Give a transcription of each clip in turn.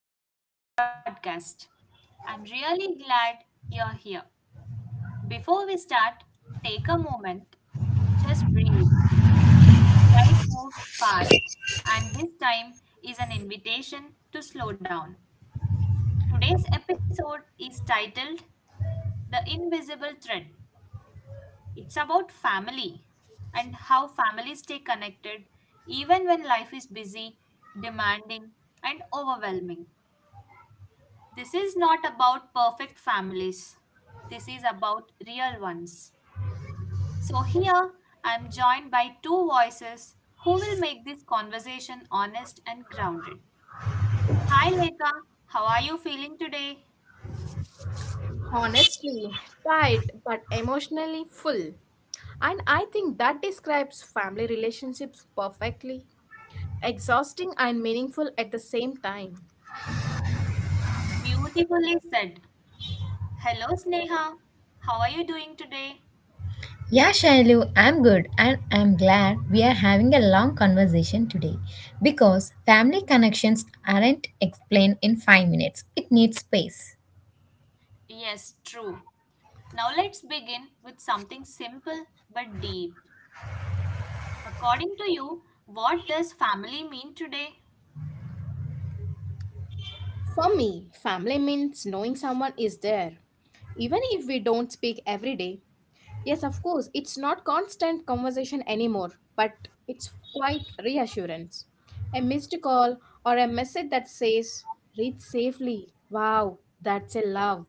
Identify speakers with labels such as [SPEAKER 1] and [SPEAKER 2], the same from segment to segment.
[SPEAKER 1] and welcome to the podcast. I'm really glad you're here. Before we start, take a moment, just breathe. Life moves fast, and this time is an invitation to slow down. Today's episode is titled The Invisible Thread. It's about family and how families stay connected even when life is busy, demanding, and overwhelming. This is not about perfect families. This is about real ones. So, here I am joined by two voices who will make this conversation honest and grounded. Hi, Lekha. How are you feeling today?
[SPEAKER 2] Honestly, tight but emotionally full. And I think that describes family relationships perfectly. Exhausting and meaningful at the same time.
[SPEAKER 1] Beautifully said. Hello, Sneha. How are you doing today?
[SPEAKER 3] Yeah, Shailu, I'm good and I'm glad we are having a long conversation today because family connections aren't explained in 5 minutes. It needs space.
[SPEAKER 1] Yes, true. Now, let's begin with something simple but deep. According to you, what does family mean today?
[SPEAKER 2] For me, family means knowing someone is there, even if we don't speak every day. Yes, of course, it's not constant conversation anymore, but it's quite reassurance. A missed call or a message that says, read safely. Wow, that's a love.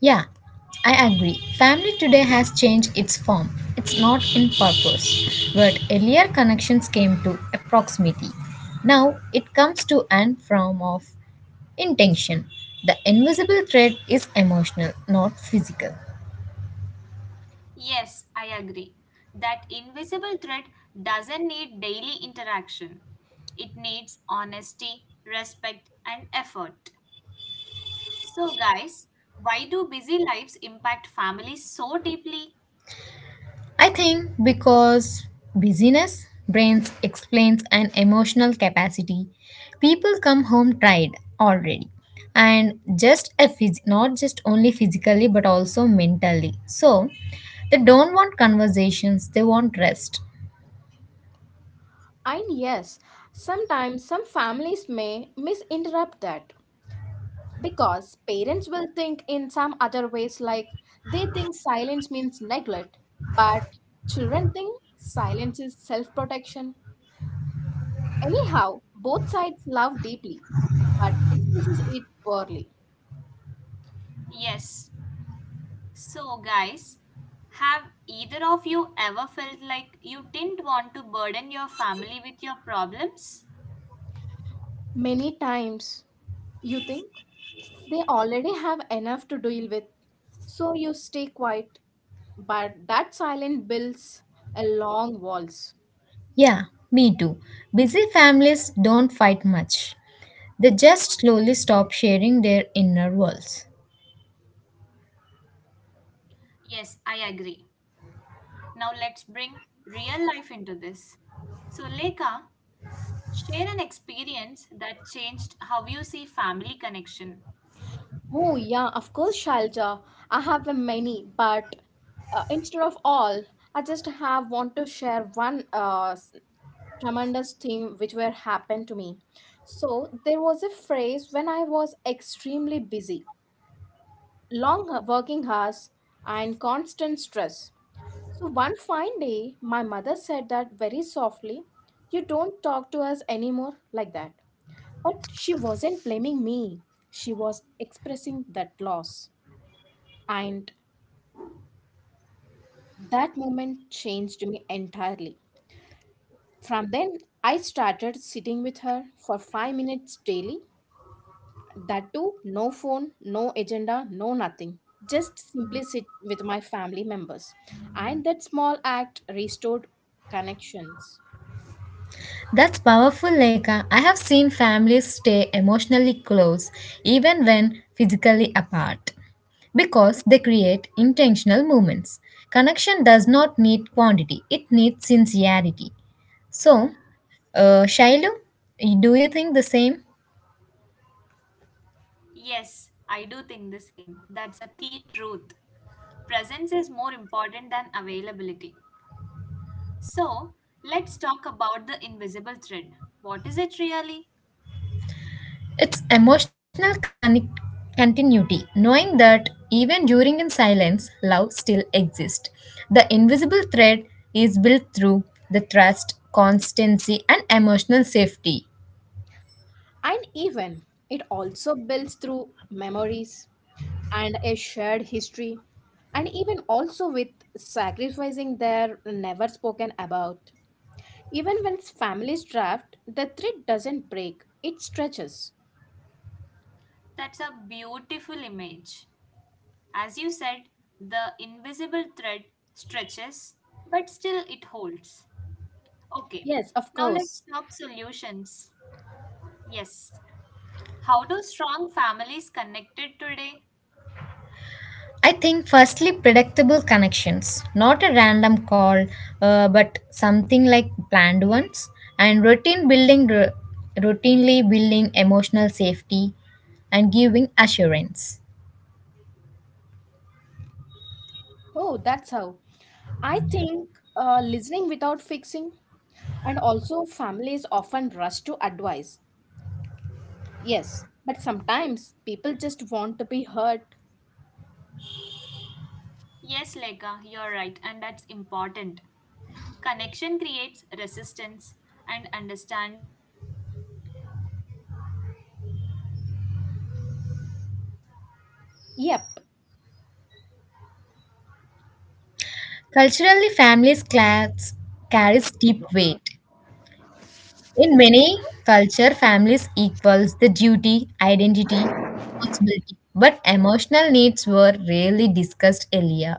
[SPEAKER 3] Yeah, I agree. Family today has changed its form. It's not in purpose, but earlier connections came to a proximity. Now it comes to an form of intention. The invisible thread is emotional, not physical.
[SPEAKER 1] Yes, I agree. That invisible threat doesn't need daily interaction. It needs honesty, respect, and effort. So, guys, why do busy lives impact families so deeply?
[SPEAKER 3] I think because busyness brains explains an emotional capacity. People come home tired already and just a not just only physically but also mentally. So they don't want conversations, they want rest.
[SPEAKER 2] And yes, sometimes some families may misinterpret that because parents will think in some other ways, like they think silence means neglect, but children think silence is self protection. Anyhow, both sides love deeply but expresses it poorly.
[SPEAKER 1] Yes. So, guys, have either of you ever felt like you didn't want to burden your family with your problems?
[SPEAKER 2] Many times you think they already have enough to deal with, so you stay quiet, but that silence builds a long walls.
[SPEAKER 3] Yeah, me too. Busy families don't fight much. They just slowly stop sharing their inner worlds.
[SPEAKER 1] Yes, I agree. Now, let's bring real life into this. So, Leka, share an experience that changed how you see family connection.
[SPEAKER 2] Oh, yeah, of course, Shailja. I have a many, but instead of all, I just have want to share one tremendous thing which were happened to me. So there was a phrase when I was extremely busy, long working hours, and constant stress. So one fine day, my mother said that very softly, "You don't talk to us anymore like that." But she wasn't blaming me. She was expressing that loss. And that moment changed me entirely. From then, I started sitting with her for 5 minutes daily. That too, no phone, no agenda, no nothing. Just simply sit with my family members. And that small act restored connections.
[SPEAKER 3] That's powerful, Leka. I have seen families stay emotionally close even when physically apart because they create intentional movements. Connection does not need quantity, it needs sincerity. So, Shailu, do you think the same?
[SPEAKER 1] Yes, I do think the same. That's a key truth. Presence is more important than availability. So, let's talk about the invisible thread. What is it really?
[SPEAKER 3] It's continuity, knowing that even during in silence, love still exists. The invisible thread is built through the trust, constancy, and emotional safety.
[SPEAKER 2] And even it also builds through memories and a shared history, and even also with sacrificing their never spoken about. Even when families draft, the thread doesn't break, it stretches.
[SPEAKER 1] That's a beautiful image. As you said, the invisible thread stretches, but still it holds. Okay,
[SPEAKER 2] Yes, of
[SPEAKER 1] now let's
[SPEAKER 2] course.
[SPEAKER 1] talk solutions. Yes, how do strong families connected today?
[SPEAKER 3] I think firstly predictable connections, not a random call, but something like planned ones, and routine building, routinely building emotional safety, and giving assurance.
[SPEAKER 2] Oh, that's how. I think listening without fixing, and also families often rush to advice. Yes, but sometimes people just want to be heard.
[SPEAKER 1] Yes, Leka, you're right, and that's important. Connection creates resistance, and understanding creates closeness.
[SPEAKER 2] Yep.
[SPEAKER 3] Culturally, families class carries deep weight. In many culture, families equals the duty, identity, responsibility, but emotional needs were rarely discussed earlier.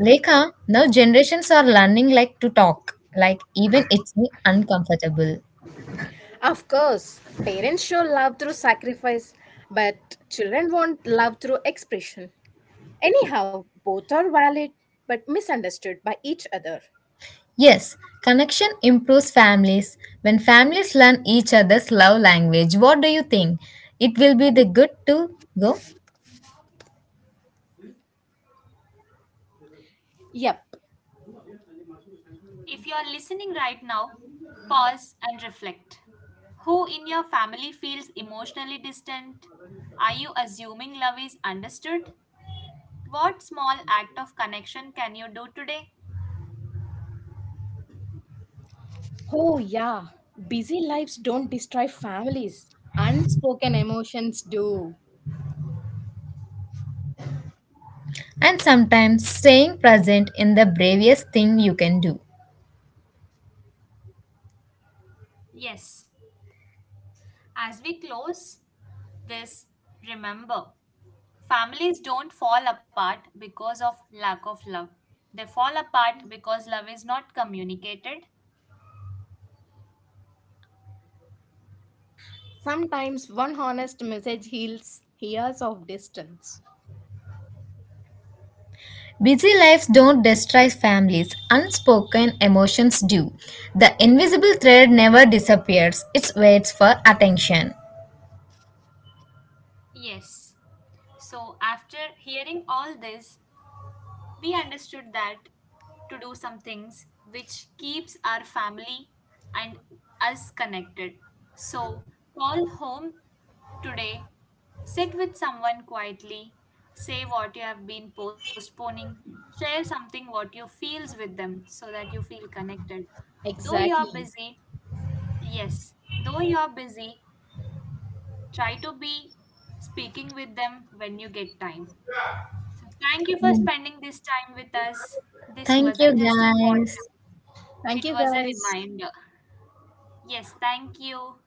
[SPEAKER 3] Leka, now generations are learning like to talk, like even it's uncomfortable.
[SPEAKER 2] Of course, parents show love through sacrifice, but children want love through expression. Anyhow, both are valid but misunderstood by each other.
[SPEAKER 3] Yes, connection improves families. When families learn each other's love language, what do you think? It will be the good to go?
[SPEAKER 2] Yep.
[SPEAKER 1] If you're listening right now, pause and reflect. Who in your family feels emotionally distant? Are you assuming love is understood? What small act of connection can you do today?
[SPEAKER 2] Oh, yeah. Busy lives don't destroy families. Unspoken emotions do.
[SPEAKER 3] And sometimes staying present in the bravest thing you can do.
[SPEAKER 1] Yes. As we close this, remember, families don't fall apart because of lack of love. They fall apart because love is not communicated.
[SPEAKER 2] Sometimes one honest message heals years of distance.
[SPEAKER 3] Busy lives don't destroy families, unspoken emotions do. The invisible thread never disappears, it waits for attention.
[SPEAKER 1] Yes. So, after hearing all this, we understood that to do some things which keeps our family and us connected. So, call home today, sit with someone quietly, say what you have been postponing, share something what you feels with them so that you feel connected. Though you're
[SPEAKER 2] Exactly.
[SPEAKER 1] busy, yes, though you're busy, try to be speaking with them when you get time. So, thank you for spending this time with us. This
[SPEAKER 3] Thank you,
[SPEAKER 1] wasn't just a
[SPEAKER 3] guys.
[SPEAKER 1] podcast,
[SPEAKER 2] Thank you,
[SPEAKER 1] it was a
[SPEAKER 2] guys.
[SPEAKER 1] reminder. Yes, thank you.